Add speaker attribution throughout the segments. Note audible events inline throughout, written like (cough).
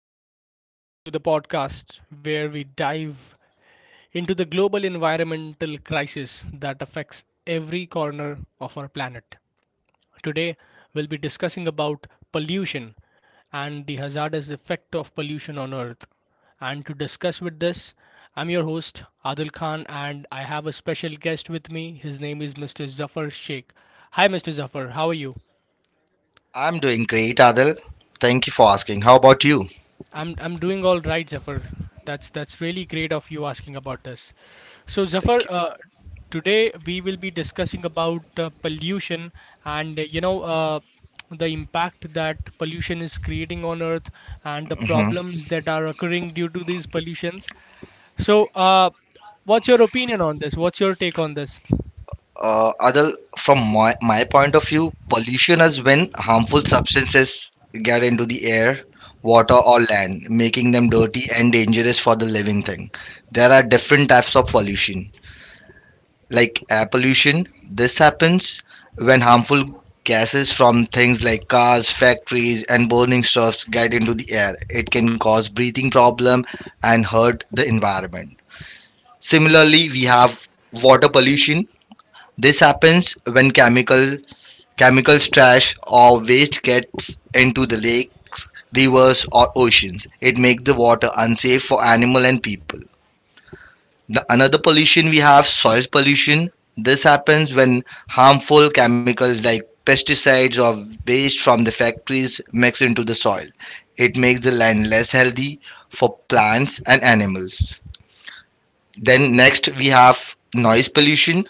Speaker 1: welcome to the podcast where we dive into the global environmental crisis that affects every corner of our planet. Today, we'll be discussing about pollution and the hazardous effect of pollution on Earth. And to discuss with this, I'm your host Adil Khan and I have a special guest with me. His name is Mr. Zafar Sheikh. Hi Mr. Zafar, how are you?
Speaker 2: I'm doing great, Adil. Thank you for asking. How about you?
Speaker 1: I'm doing all right, Zafar. That's really great of you asking about this. So, Zafar,
Speaker 2: Thank you.
Speaker 1: today we will be discussing about pollution and the impact that pollution is creating on Earth and the
Speaker 2: Mhm.
Speaker 1: problems that are occurring due to these pollutions. So, what's your opinion on this? What's your take on this?
Speaker 2: Adil, from my point of view, pollution is when harmful substances get into the air, water, or land, making them dirty and dangerous for the living thing. There are different types of pollution. Like air pollution, this happens when harmful gases from things like cars, factories, and burning stuffs get into the air. It can cause breathing problem and hurt the environment. Similarly, we have water pollution. This happens when chemicals, trash, or waste gets into the lakes, rivers, or oceans. It makes the water unsafe for animal and people. The another pollution we have soil pollution. This happens when harmful chemicals like pesticides or waste from the factories mix into the soil. It makes the land less healthy for plants and animals. Then next we have noise pollution.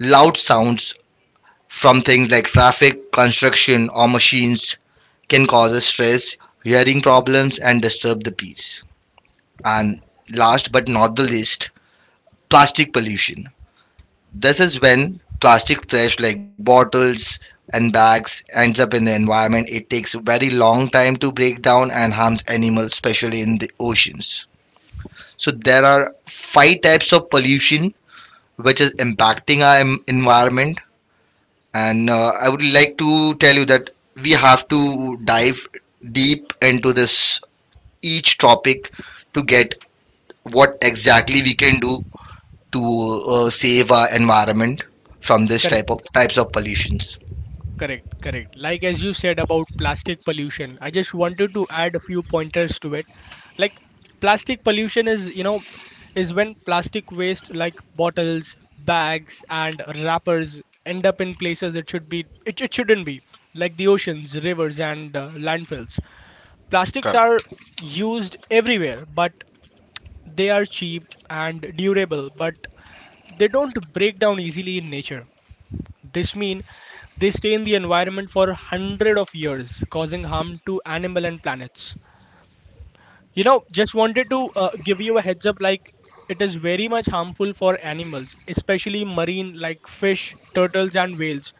Speaker 2: Loud sounds from things like traffic, construction, or machines can cause stress, hearing problems, and disturb the peace. And last but not the least, plastic pollution. This is when plastic trash like bottles and bags ends up in the environment. It takes a very long time to break down and harms animals, especially in the oceans. So there are five types of pollution which is impacting our environment. And I would like to tell you that we have to dive deep into this each topic to get what exactly we can do to save our environment from this
Speaker 1: Correct.
Speaker 2: type of types of pollutions.
Speaker 1: Correct, correct. Like as you said about plastic pollution, I just wanted to add a few pointers to it. Like plastic pollution is, is when plastic waste like bottles, bags and wrappers end up in places it shouldn't be, like the oceans, rivers and landfills. Plastics are
Speaker 2: Correct.
Speaker 1: used everywhere, but they are cheap and durable, but they don't break down easily in nature. This means they stay in the environment for hundred of years, causing harm to animal and planets. Just wanted to give you a heads up, like it is very much harmful for animals, especially marine like fish, turtles and whales.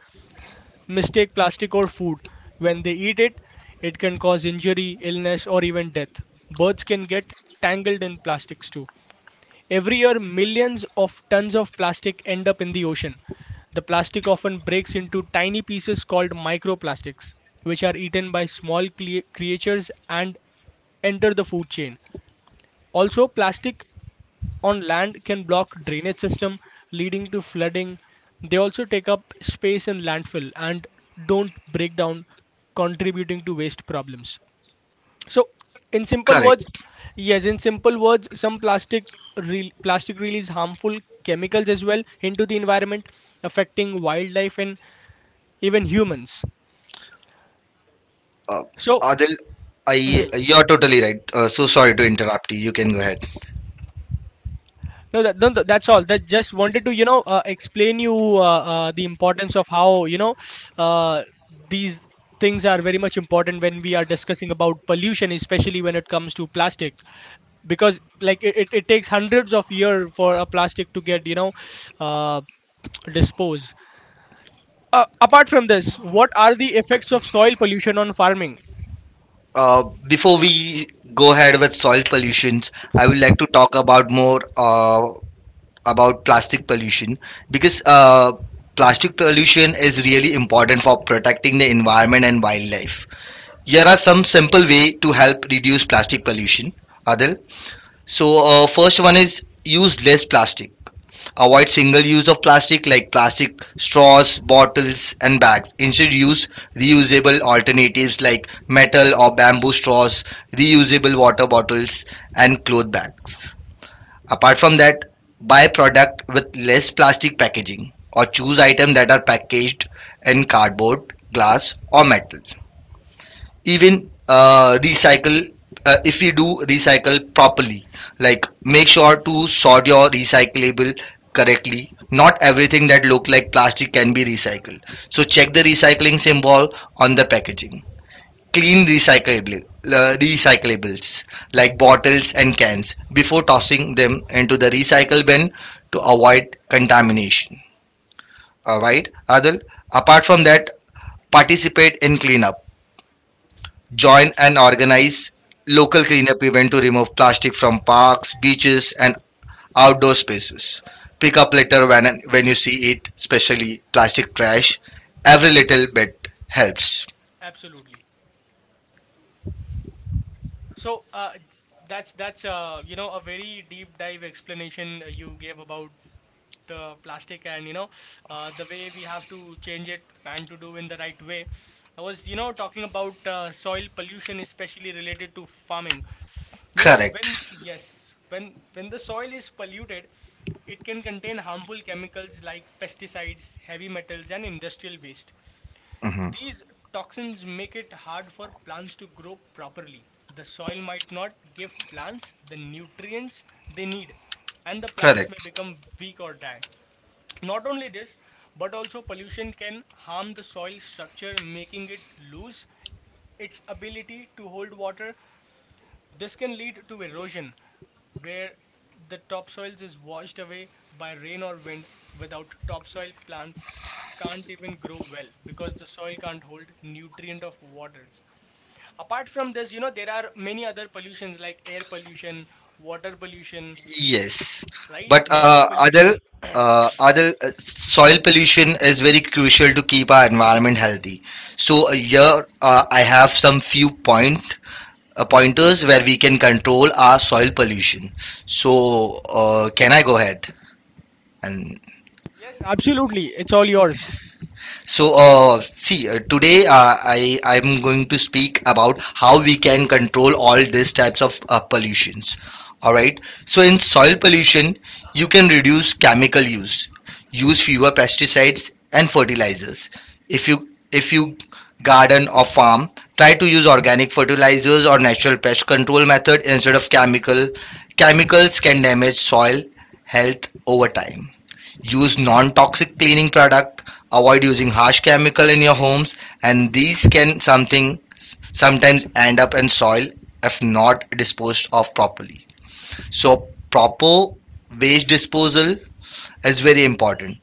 Speaker 1: Mistake plastic or food. When they eat it, it can cause injury, illness or even death. Birds can get tangled in plastics too. Every year, millions of tons of plastic end up in the ocean. The plastic often breaks into tiny pieces called microplastics, which are eaten by small creatures and enter the food chain. Also, plastic on land can block drainage system, leading to flooding. They also take up space in landfill and don't break down, contributing to waste problems. So, in simple words,
Speaker 2: Correct.
Speaker 1: yes, in simple words, some plastic release harmful chemicals as well into the environment, affecting wildlife and even humans.
Speaker 2: Uh,
Speaker 1: So,
Speaker 2: Adil, I
Speaker 1: mhm.
Speaker 2: you're totally right. So sorry to interrupt you. You can go ahead.
Speaker 1: No, that, no, no, that's all. That just wanted to explain you the importance of how uh, these things are very much important when we are discussing about pollution, especially when it comes to plastic, because like it takes hundreds of years for a plastic to get uh, dispose. Apart from this, what are the effects of soil pollution on farming?
Speaker 2: Before we go ahead with soil pollutions, I would like to talk about more. About plastic pollution because plastic pollution is really important for protecting the environment and wildlife. Here are some simple way to help reduce plastic pollution, Adil. So first one is use less plastic. Avoid single use of plastic like plastic straws, bottles, and bags. Instead, use reusable alternatives like metal or bamboo straws, reusable water bottles, and cloth bags. Apart from that, buy product with less plastic packaging or choose items that are packaged in cardboard, glass or metal. Even recycle if you do recycle properly, like make sure to sort your recyclable correctly. Not everything that look like plastic can be recycled, so check the recycling symbol on the packaging. Clean recyclables like bottles and cans before tossing them into the recycle bin to avoid contamination. All right, Adil. Apart from that, participate in cleanup. Join
Speaker 1: Correct.
Speaker 2: and organize local
Speaker 1: Hmm.
Speaker 2: cleanup event to remove plastic from parks, beaches, and outdoor spaces. Pick up litter when you see it, especially plastic trash. Every little bit helps.
Speaker 1: Absolutely. So, that's a very deep dive explanation you gave about the plastic, and the way we have to change it and to do in the right way. I was talking about soil pollution, especially related to farming. When
Speaker 2: Correct.
Speaker 1: yes, when the soil is polluted, it can contain harmful chemicals like pesticides, heavy metals, and industrial waste.
Speaker 2: Mhm.
Speaker 1: These toxins make it hard for plants to grow properly. The soil might not give plants the nutrients they need, and the plants may
Speaker 2: Correct.
Speaker 1: become weak or die. Not only this, but also pollution can harm the soil structure, making it lose its ability to hold water. This can lead to erosion, where the topsoils is washed away by rain or wind. Without topsoil, plants can't even grow well because the soil can't hold nutrient of waters. Apart from this, there are many other pollutions like air pollution, water pollution,
Speaker 2: Yes,
Speaker 1: right?
Speaker 2: but
Speaker 1: Noise pollution.
Speaker 2: other soil pollution is very crucial to keep our environment healthy. So here I have some few pointers where we can control our soil pollution. So can I go ahead? And
Speaker 1: Yes, absolutely. It's all yours.
Speaker 2: so, see, today I'm going to speak about how we can control all these types of pollutions. All right. So, in soil pollution, you can reduce chemical use, use fewer pesticides and fertilizers. If you if you garden or farm, try to use organic fertilizers or natural pest control method instead of chemical. Chemicals can damage soil health over time. Use non-toxic cleaning product, avoid using harsh chemical in your homes, and these can something sometimes end up in soil if not disposed of properly. So proper waste disposal is very important.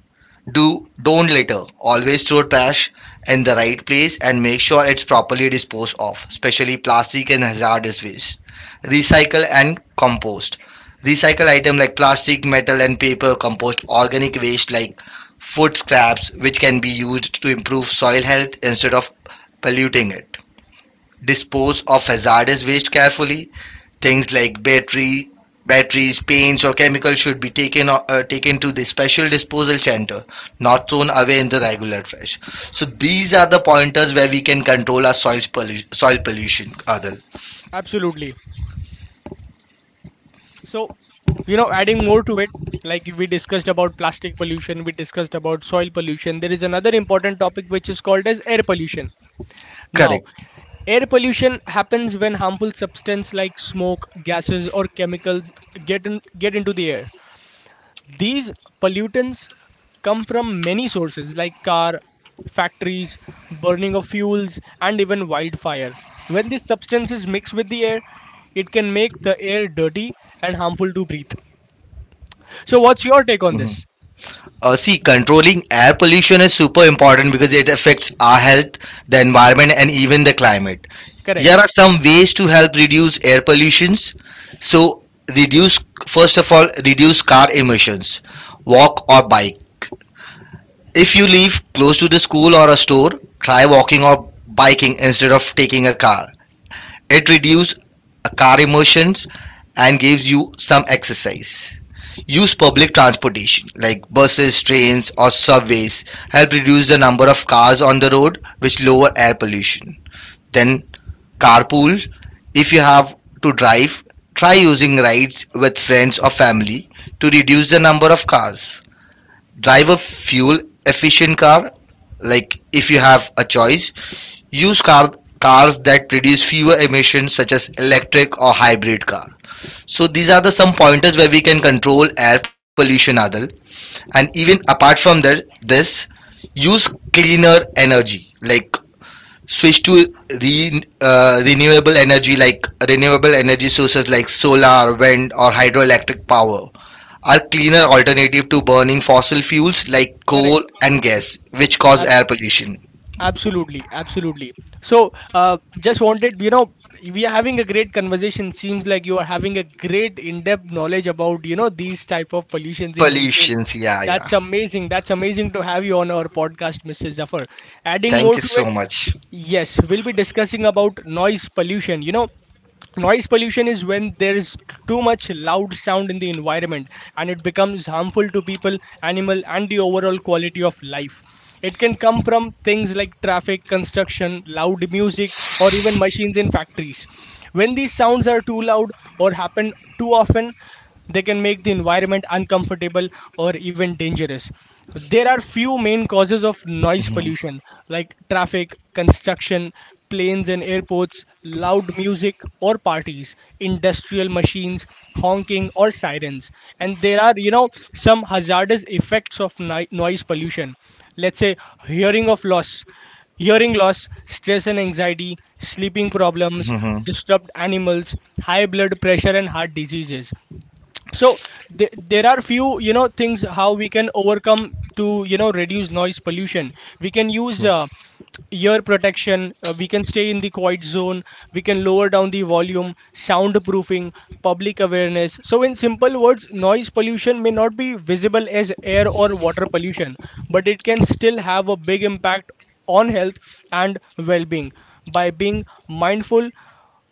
Speaker 2: Do don't litter. Always throw trash in the right place and make sure it's properly disposed of, especially plastic and hazardous waste. Recycle and compost. Recycle items like plastic, metal and paper, compost organic waste like food scraps which can be used to improve soil health instead of polluting it. Dispose of hazardous waste carefully. Things like batteries, paints, or chemicals should be taken taken to the special disposal center, not thrown away in the regular trash. So these are the pointers where we can control our soil pollution. Soil pollution, Adil.
Speaker 1: Absolutely. So, adding more to it, like we discussed about plastic pollution, we discussed about soil pollution. There is another important topic which is called as air pollution. Now,
Speaker 2: Correct.
Speaker 1: air pollution happens when harmful substance like smoke, gases, or chemicals get into the air. These pollutants come from many sources like car, factories, burning of fuels, and even wildfire. When these substances mix with the air, it can make the air dirty and harmful to breathe. So what's your take on
Speaker 2: Mhm.
Speaker 1: this?
Speaker 2: See, controlling air pollution is super important because it affects our health, the environment, and even the climate. Here
Speaker 1: Correct.
Speaker 2: are some ways to help reduce air pollutions. So, reduce first of all, reduce car emissions. Walk or bike. If you live close to the school or a store, try walking or biking instead of taking a car. It reduces car emissions and gives you some exercise. Use public transportation like buses, trains, or subways. Help reduce the number of cars on the road, which lower air pollution. Then, carpool. If you have to drive, try using rides with friends or family to reduce the number of cars. Drive a fuel efficient car. Like if you have a choice, use cars that produce fewer emissions such as electric or hybrid car. So these are the some pointers where we can control air pollution, Adil. And even apart from that, use cleaner energy like switch to re, renewable energy like renewable energy sources like solar, wind or hydroelectric power are cleaner alternative to burning fossil fuels like coal
Speaker 1: Correct.
Speaker 2: and gas which cause
Speaker 1: Ab-
Speaker 2: air pollution.
Speaker 1: Absolutely. Absolutely. So, just wanted, we are having a great conversation. Seems like you are having a great in-depth knowledge about, these type of pollutions in detail.
Speaker 2: Pollutions, yeah, yeah.
Speaker 1: That's amazing. That's amazing to have you on our podcast, Mr. Zafar. Adding
Speaker 2: Thank
Speaker 1: more
Speaker 2: you
Speaker 1: to
Speaker 2: so
Speaker 1: it,
Speaker 2: much.
Speaker 1: yes, we'll be discussing about noise pollution. Noise pollution is when there is too much loud sound in the environment, and it becomes harmful to people, animal and the overall quality of life. It can come from things like traffic, construction, loud music, or even machines in factories. When these sounds are too loud or happen too often, they can make the environment uncomfortable or even dangerous. There are few main causes of noise
Speaker 2: Mhm,
Speaker 1: pollution, like traffic, construction, planes and airports, loud music or parties, industrial machines, honking or sirens. And there are, some hazardous effects of noise pollution. Let's say hearing of loss, hearing loss, stress and anxiety, sleeping problems,
Speaker 2: mhm,
Speaker 1: disturbed animals, high blood pressure and heart diseases. So, there are few things how we can overcome to reduce noise pollution. We can use
Speaker 2: mhm.
Speaker 1: ear protection, we can stay in the quiet zone, we can lower down the volume, soundproofing, public awareness. So, in simple words, noise pollution may not be visible as air or water pollution, but it can still have a big impact on health and well-being. By being mindful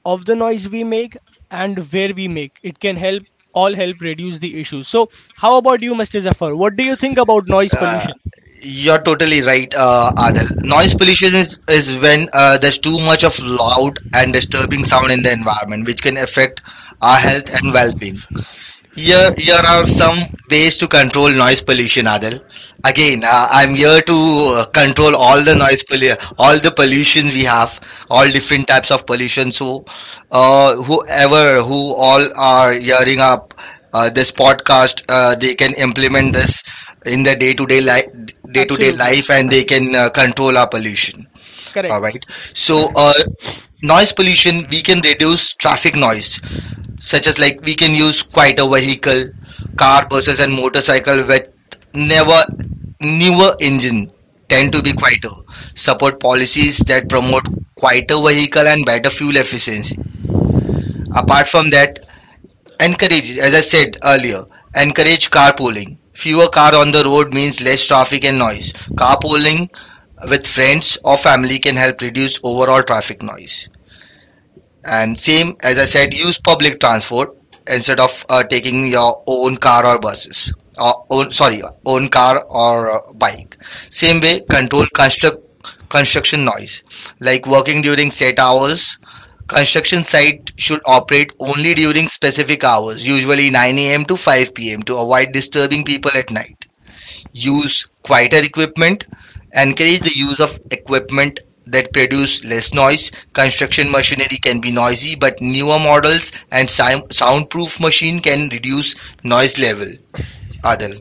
Speaker 1: of the noise we make and where we make it can help all help reduce the issues. So, how about you, Mr. Zafar? What do you think about noise
Speaker 2: Uh,
Speaker 1: pollution?
Speaker 2: you're totally right, Adil. Noise pollution is when there's too much of loud and disturbing sound in the environment, which can affect our health and well-being.
Speaker 1: Pollution. Noise
Speaker 2: Here,
Speaker 1: pollution.
Speaker 2: here are some ways to control noise pollution, Adil. Again, I'm here to control all the noise pollution, all the pollution we have, all different types of pollution. So, whoever who all are hearing up this podcast, they can implement this in their day-to-day
Speaker 1: Absolutely
Speaker 2: life, and they can control our pollution. All
Speaker 1: correct.
Speaker 2: right. So, noise pollution we can reduce traffic noise, such as like we can use quite a vehicle, car, buses, and motorcycle with never newer engine tend to be quieter. Support policies that promote quieter vehicle and better fuel efficiency. Apart from that, encourage, as I said earlier, encourage carpooling. Fewer car on the road means less traffic and noise. Carpooling with friends or family can help reduce overall traffic noise. And same as I said, use public transport instead of taking your own car or buses. Or own Sorry, own car or bike. Same way, control construction noise, like working during set hours. Construction site should operate only during specific hours, usually 9 a.m. to 5 p.m. to avoid disturbing people at night. Use quieter equipment, encourage the use of equipment that produce less noise. Construction machinery can be noisy, but newer models and soundproof machine can reduce noise level, Adil.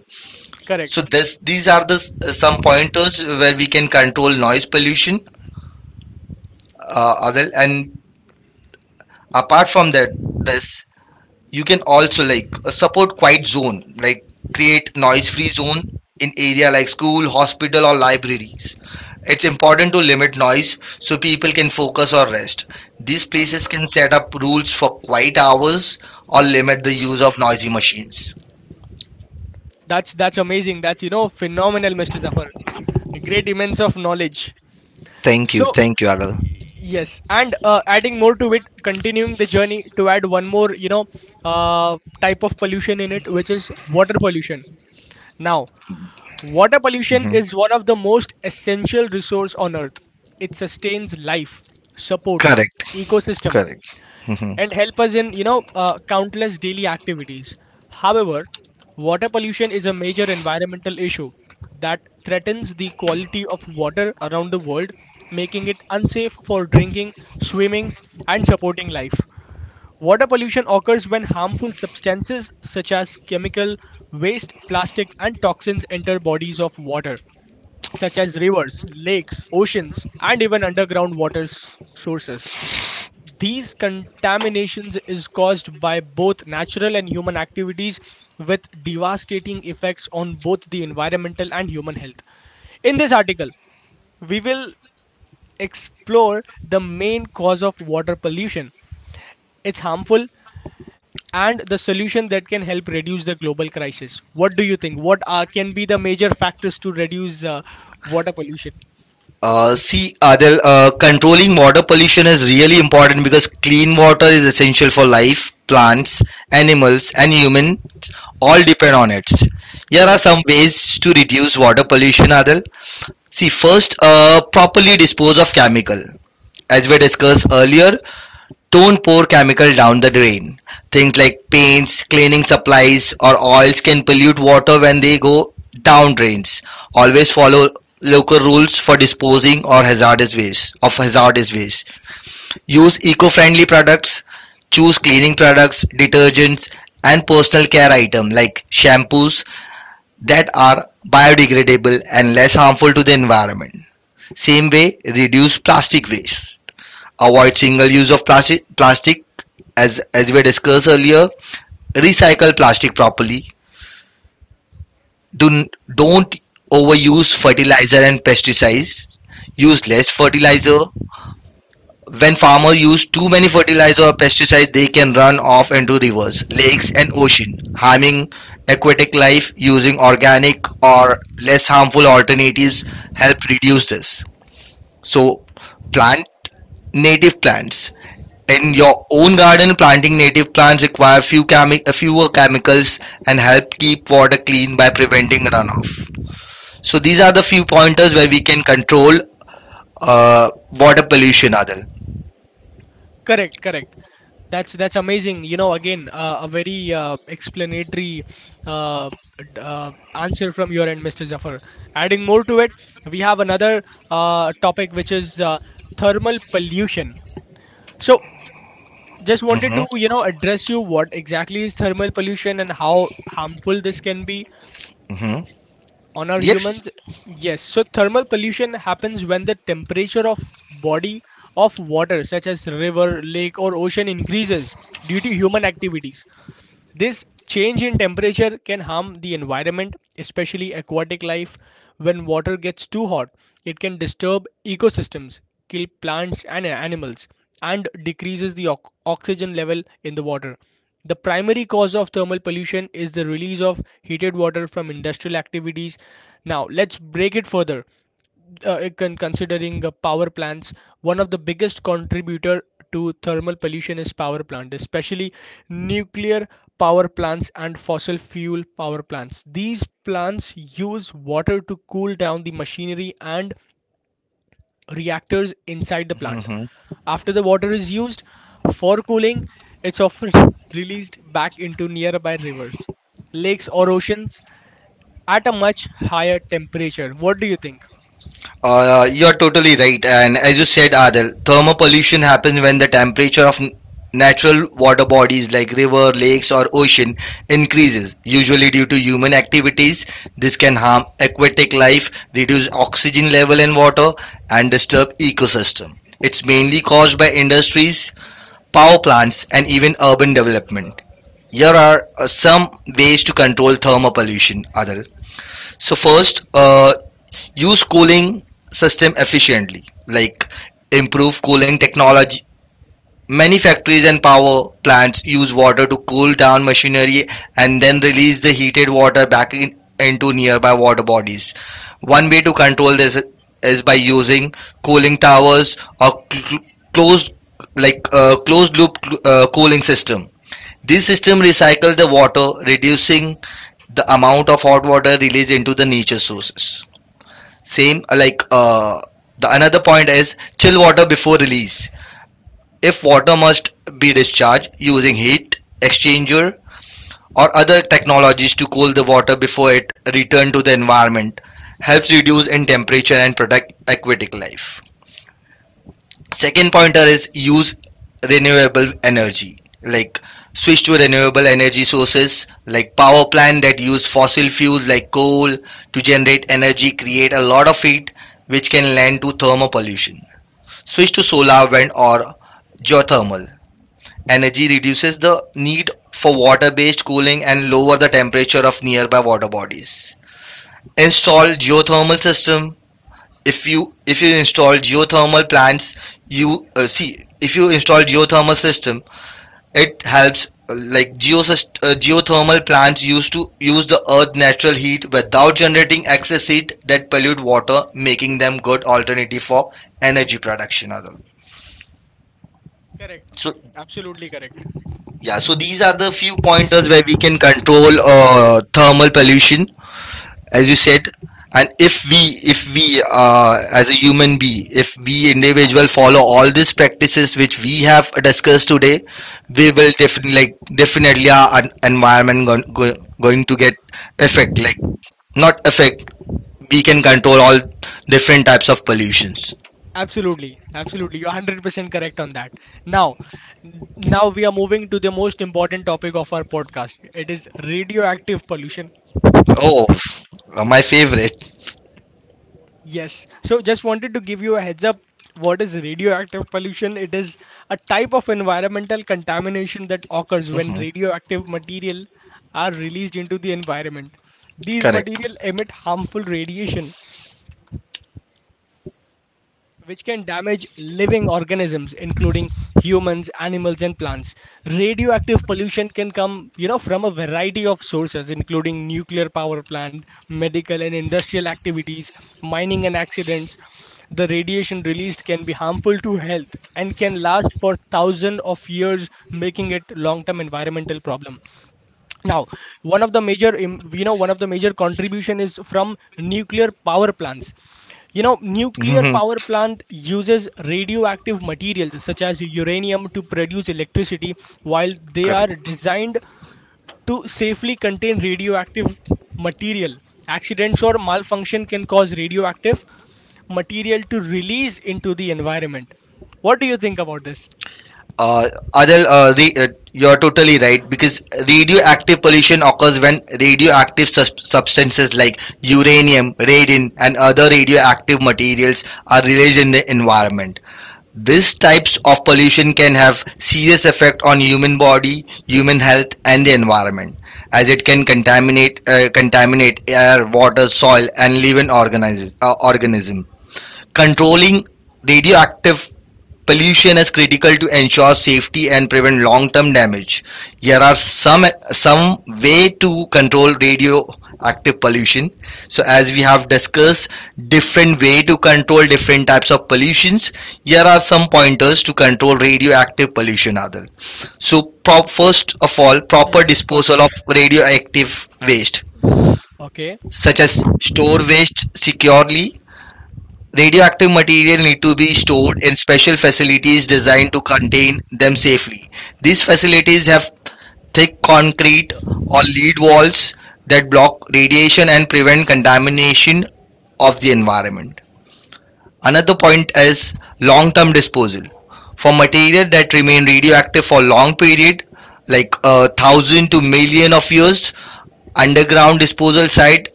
Speaker 2: So
Speaker 1: Correct.
Speaker 2: this these are the some pointers where we can control noise pollution, Adil. And apart from that, this you can also like support quiet zone, like create noise free zone in area like school, hospital or libraries. It's important to limit noise so people can focus or rest. These places can set up rules for quiet hours or limit the use of noisy machines.
Speaker 1: That's amazing. That's phenomenal, Mr. Zafar. Great immense of knowledge.
Speaker 2: Thank you,
Speaker 1: So,
Speaker 2: thank you, Adil.
Speaker 1: yes, and adding more to it, continuing the journey to add one more, type of pollution in it, which is water pollution. Now, water pollution
Speaker 2: Mhm.
Speaker 1: is one of the most essential resource on earth. It sustains life, support
Speaker 2: Correct,
Speaker 1: ecosystem
Speaker 2: correct. Mhm.
Speaker 1: and help us in, countless daily activities. However, water pollution is a major environmental issue that threatens the quality of water around the world, making it unsafe for drinking, swimming and supporting life. Water pollution occurs when harmful substances such as chemical waste, plastic and toxins enter bodies of water such as rivers, lakes, oceans, and even underground water sources. These contaminations is caused by both natural and human activities, with devastating effects on both the environmental and human health. In this article, we will explore the main cause of water pollution, its harmful and the solution that can help reduce the global crisis. What do you think? What are, can be the major factors to reduce water pollution?
Speaker 2: See, Adel, controlling water pollution is really important because clean water is essential for life, plants, animals, and humans all depend on
Speaker 1: Correct,
Speaker 2: it. Here are
Speaker 1: correct.
Speaker 2: some ways to reduce water pollution, Adel. See, first, properly dispose of chemical. As we discussed earlier, don't pour chemical down the drain. Things like paints, cleaning supplies, or oils can pollute water when they go down drains. Always follow local rules for disposing or hazardous waste of hazardous waste. Use eco-friendly products. Choose cleaning products, detergents, and personal care items like shampoos that are biodegradable and less harmful to the environment. Same way, reduce plastic waste. Avoid single use of plastic, as we discussed earlier. Recycle plastic properly. Do Don't overuse fertilizer and pesticides. Use less fertilizer. When farmers use too many fertilizer or pesticides, they can run off into rivers, lakes and ocean, harming aquatic life. Using organic or less harmful alternatives help reduce this. So plant native plants. In your own garden, planting native plants require fewer chemicals and help keep water clean by preventing runoff. So these are the few pointers where we can control water pollution, Adil.
Speaker 1: Correct, correct. That's amazing. Again, a very explanatory uh, answer from your end, Mr. Zafar. Adding more to it, we have another topic, which is thermal pollution. So, just wanted
Speaker 2: Mm-hmm.
Speaker 1: to address you what exactly is thermal pollution and how harmful this can be
Speaker 2: Mm-hmm.
Speaker 1: on our
Speaker 2: Yes.
Speaker 1: humans. Yes, so thermal pollution happens when the temperature of body of water such as river, lake or ocean increases due to human activities. This change in temperature can harm the environment, especially aquatic life. When water gets too hot, it can disturb ecosystems, kill plants and animals, and decreases the oxygen level in the water. The primary cause of thermal pollution is the release of heated water from industrial activities. Now, let's break it further, considering power plants. One of the biggest contributor to thermal pollution is power plant, especially nuclear power plants and fossil fuel power plants. These plants use water to cool down the machinery and reactors inside the plant.
Speaker 2: Hmm.
Speaker 1: After the water is used for cooling, it's often (laughs) released back into nearby rivers, lakes or oceans at a much higher temperature. What do you think?
Speaker 2: You're totally right. And as you said, Adil, thermal pollution happens when the temperature of natural water bodies like river, lakes, or ocean increases, usually due to human activities. This can harm aquatic life, reduce oxygen level in water, and disturb ecosystem. It's mainly caused by industries, power plants, and even urban development. Here are some ways to control thermal pollution, Adil. So first, use cooling system efficiently, like improve cooling technology. Many factories and power plants use water to cool down machinery and then release the heated water into nearby water bodies. One way to control this is by using cooling towers or closed, closed loop cooling system. This system recycle the water, reducing the amount of hot water released into the nature sources. Same like The another point is chill water before release. If water must be discharged, using heat exchanger or other technologies to cool the water before it return to the environment helps reduce in temperature and protect aquatic life. Second pointer is use renewable energy, like switch to renewable energy sources. Like power plant that use fossil fuels like coal to generate energy create a lot of heat, which can lend to thermal pollution. Switch to solar, wind, or geothermal energy reduces the need for water based cooling and lower the temperature of nearby water bodies. Install geothermal system. If you install geothermal plants, you see, if you install geothermal system, it helps, geothermal plants used to use the earth natural heat without generating excess heat that pollute water, making them good alternative for energy production, Adil.
Speaker 1: Correct.
Speaker 2: So
Speaker 1: Absolutely correct.
Speaker 2: yeah, so these are the few pointers where we can control thermal pollution, as you said. And if we as a human being, if we individual follow all these practices which we have discussed today, we will definitely, like, definitely our environment going to get effect, like, not effect, we can control all different types of pollutions.
Speaker 1: Absolutely, absolutely. You're 100% correct on that. Now, now we are moving to the most important topic of our podcast. It is radioactive pollution.
Speaker 2: Oh, my favorite.
Speaker 1: Yes. So, just wanted to give you a heads up what is radioactive pollution? It is a type of environmental contamination that occurs when
Speaker 2: Mhm.
Speaker 1: radioactive material are released into the environment. These material
Speaker 2: Correct.
Speaker 1: emit harmful radiation which can damage living organisms including humans, animals, and plants. Radioactive pollution can come from a variety of sources including nuclear power plant, medical and industrial activities, mining, and accidents. The radiation released can be harmful to health and can last for thousands of years, making it long term environmental problem. Now, one of the major contribution is from nuclear power plants. You know, nuclear
Speaker 2: Mhm.
Speaker 1: power plant uses radioactive materials such as uranium to produce electricity. While they
Speaker 2: Correct.
Speaker 1: are designed to safely contain radioactive material, accidents or malfunction can cause radioactive material to release into the environment. What do you think about this?
Speaker 2: Uh, Adel, you're totally right, because radioactive pollution occurs when radioactive substances like uranium, radon, and other radioactive materials are released in the environment. These types of pollution can have serious effect on human body, human health, and the environment, as it can contaminate contaminate air, water, soil, and living organisms. Organism. Controlling radioactive pollution is critical to ensure safety and prevent long-term damage. Here are some way to control radioactive pollution. So as we have discussed different way to control different types of pollutions, here are some pointers to control radioactive pollution, Adil. So first of all, proper
Speaker 1: Hmm, got it.
Speaker 2: disposal of radioactive waste,
Speaker 1: Okay.
Speaker 2: such as store waste securely. Radioactive material need to be stored in special facilities designed to contain them safely. These facilities have thick concrete or lead walls that block radiation and prevent contamination of the environment. Another point is long-term disposal. For material that remain radioactive for long period, like a thousand to million of years, underground disposal site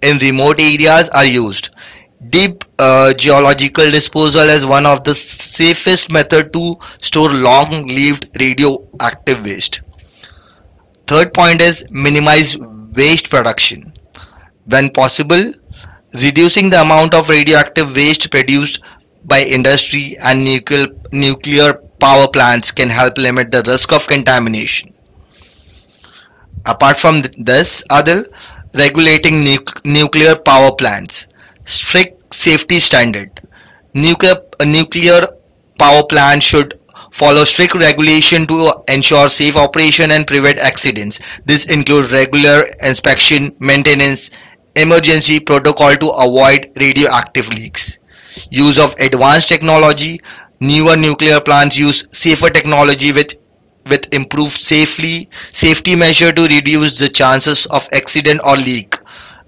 Speaker 2: in remote areas are used. Deep geological disposal is one of the safest method to store long-lived radioactive waste. Third point is minimize waste production when possible. Reducing the amount of radioactive waste produced by industry and nuclear power plants can help limit the risk of contamination. Apart from this, Adil, regulating nuclear power plants, strict safety standard. Nuclear a nuclear power plant should follow strict regulation to ensure safe operation and prevent accidents. This includes regular inspection, maintenance, emergency protocol to avoid radioactive leaks. Use of advanced technology. Newer nuclear plants use safer technology with improved safely safety measure to reduce the chances of accident or leak.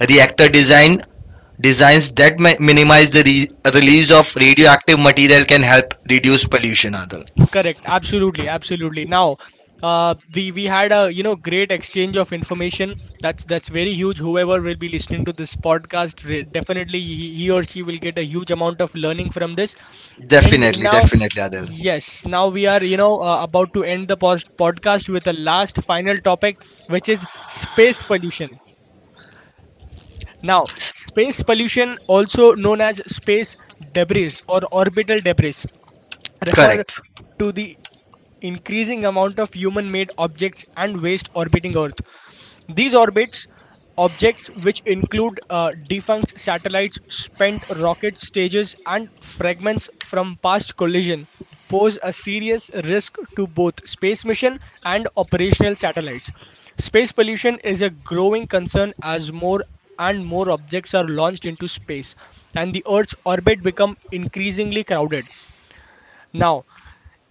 Speaker 2: Reactor designs that minimize the release of radioactive material can help reduce pollution, Adil.
Speaker 1: Correct. Absolutely. Absolutely. Now, we had a great exchange of information. That's very huge. Whoever will be listening to this podcast, definitely he or she will get a huge amount of learning from this. And
Speaker 2: Definitely,
Speaker 1: now,
Speaker 2: definitely, Adil.
Speaker 1: yes, now we are about to end the podcast with the last final topic, which is space pollution. Now,
Speaker 2: S-
Speaker 1: space pollution, also known as space debris or orbital debris, refer
Speaker 2: Correct.
Speaker 1: to the increasing amount of human made objects and waste orbiting Earth. These orbits objects which include defunct satellites, spent rocket stages, and fragments from past collision pose a serious risk to both space mission and operational satellites. Space pollution is a growing concern as more and more objects are launched into space and the earth's orbit become increasingly crowded. Now,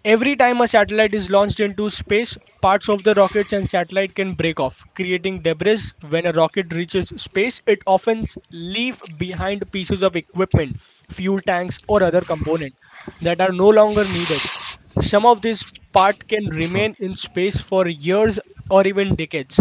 Speaker 1: every time a satellite is launched into space, parts of the rockets and satellite can break off, creating debris. When a rocket reaches space, it often leave behind pieces of equipment, fuel tanks, or other components that are no longer needed. Some of this part can
Speaker 2: Hmm.
Speaker 1: remain in space for years or even decades.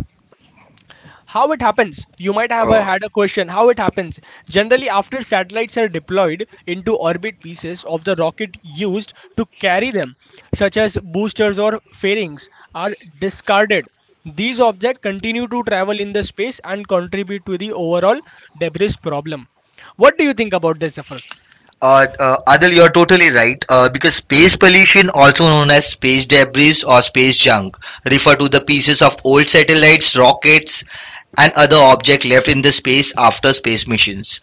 Speaker 1: How it happens? You might have
Speaker 2: uh,
Speaker 1: had a question. How it happens? Generally, after satellites are deployed into orbit, pieces of the rocket used to carry them, such as boosters or fairings, are discarded. These objects continue to travel in the space and contribute to the overall debris problem. What do you think about this, Zafar?
Speaker 2: Adil, you're totally right. Because space pollution, also known as space debris or space junk, refer to the pieces of old satellites, rockets, and other objects left in the space after space missions.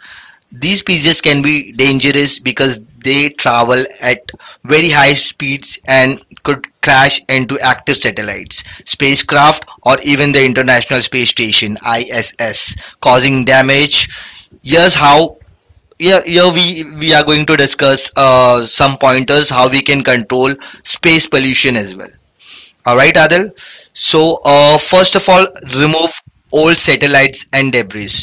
Speaker 2: These pieces can be dangerous because they travel at very high speeds and could crash into active satellites, spacecraft, or even the International Space Station (ISS), causing damage. Here's how. Here, here we are going to discuss some pointers how we can control space pollution as well. All right, Adil. So first of all, remove old satellites and debris.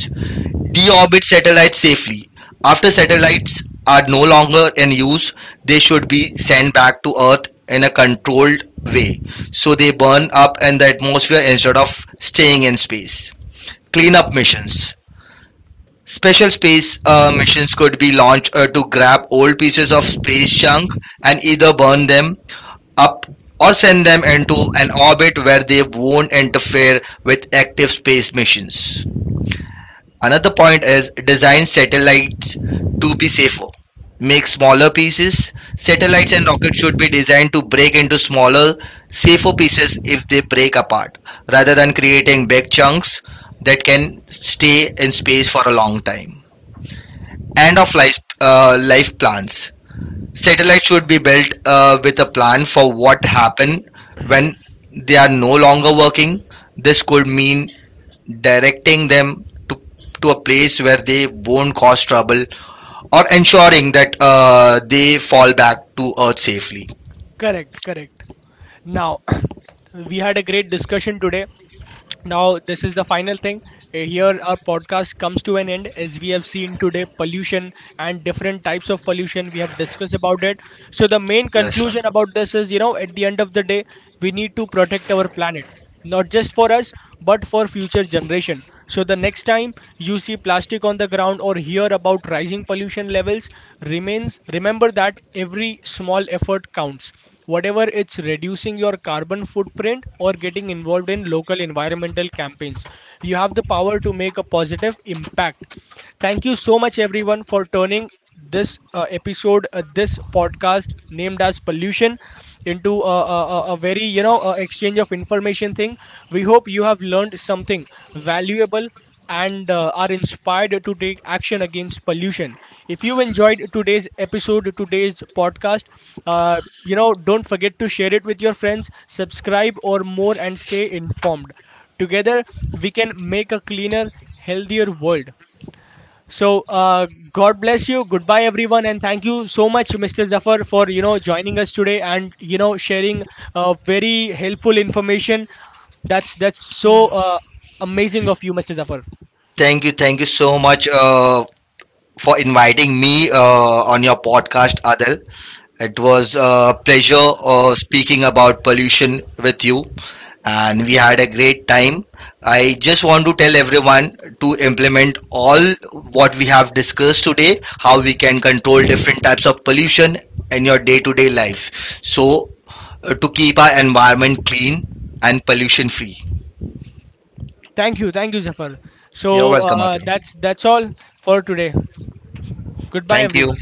Speaker 2: Deorbit satellites safely. After satellites are no longer in use, they should be sent back to Earth in a controlled way so they burn up in the atmosphere instead of staying in space. Cleanup missions. Special space missions could be launched to grab old pieces of space junk and either burn them up or send them into an orbit where they won't interfere with active space missions. Another point is design satellites to be safer. Make smaller pieces. Satellites and rockets should be designed to break into smaller, safer pieces if they break apart, rather than creating big chunks that can stay in space for a long time. End of life, life plans. Satellites should be built with a plan for what happen when they are no longer working. This could mean directing them to to a place where they won't cause trouble or ensuring that they fall back to earth safely.
Speaker 1: Correct, correct. Now, (coughs) (clears throat) we had a great discussion today. Now, this is the final thing. Here, our podcast comes to an end as we have seen today pollution and different types of pollution. We have discussed about it. So, the main
Speaker 2: Yes,
Speaker 1: conclusion
Speaker 2: Radha.
Speaker 1: about this is, you know, at the end of the day, we need to protect our planet, not just for us, but for future generation. So, the next time you see plastic on the ground or hear about rising pollution levels, remains remember that every small effort counts, whatever it's reducing your carbon footprint or getting involved in local environmental campaigns. You have the power to make a positive impact. Thank you so much everyone for turning this episode this podcast named as pollution into a very exchange of information thing. We hope you have learned something valuable and are inspired to take action against pollution. If you enjoyed today's episode, today's podcast, don't forget to share it with your friends, subscribe or more, and stay informed. Together, we can make a cleaner, healthier world. So, God bless you. Goodbye, everyone, and thank you so much, Mr. Zafar, for joining us today and sharing very helpful information. That's so amazing of you, Mr. Zafar.
Speaker 2: Thank you so much for inviting me on your podcast, Adil. It was a pleasure speaking about pollution with you, and we had a great time. I just want to tell everyone to implement all what we have discussed today, how we can control different types of pollution in your day to day life. So, to keep our environment clean and pollution free.
Speaker 1: Thank you, Zafar.
Speaker 2: You're
Speaker 1: So
Speaker 2: welcome, Adam.
Speaker 1: that's all for today. Goodbye,
Speaker 2: Thank you.
Speaker 1: everyone.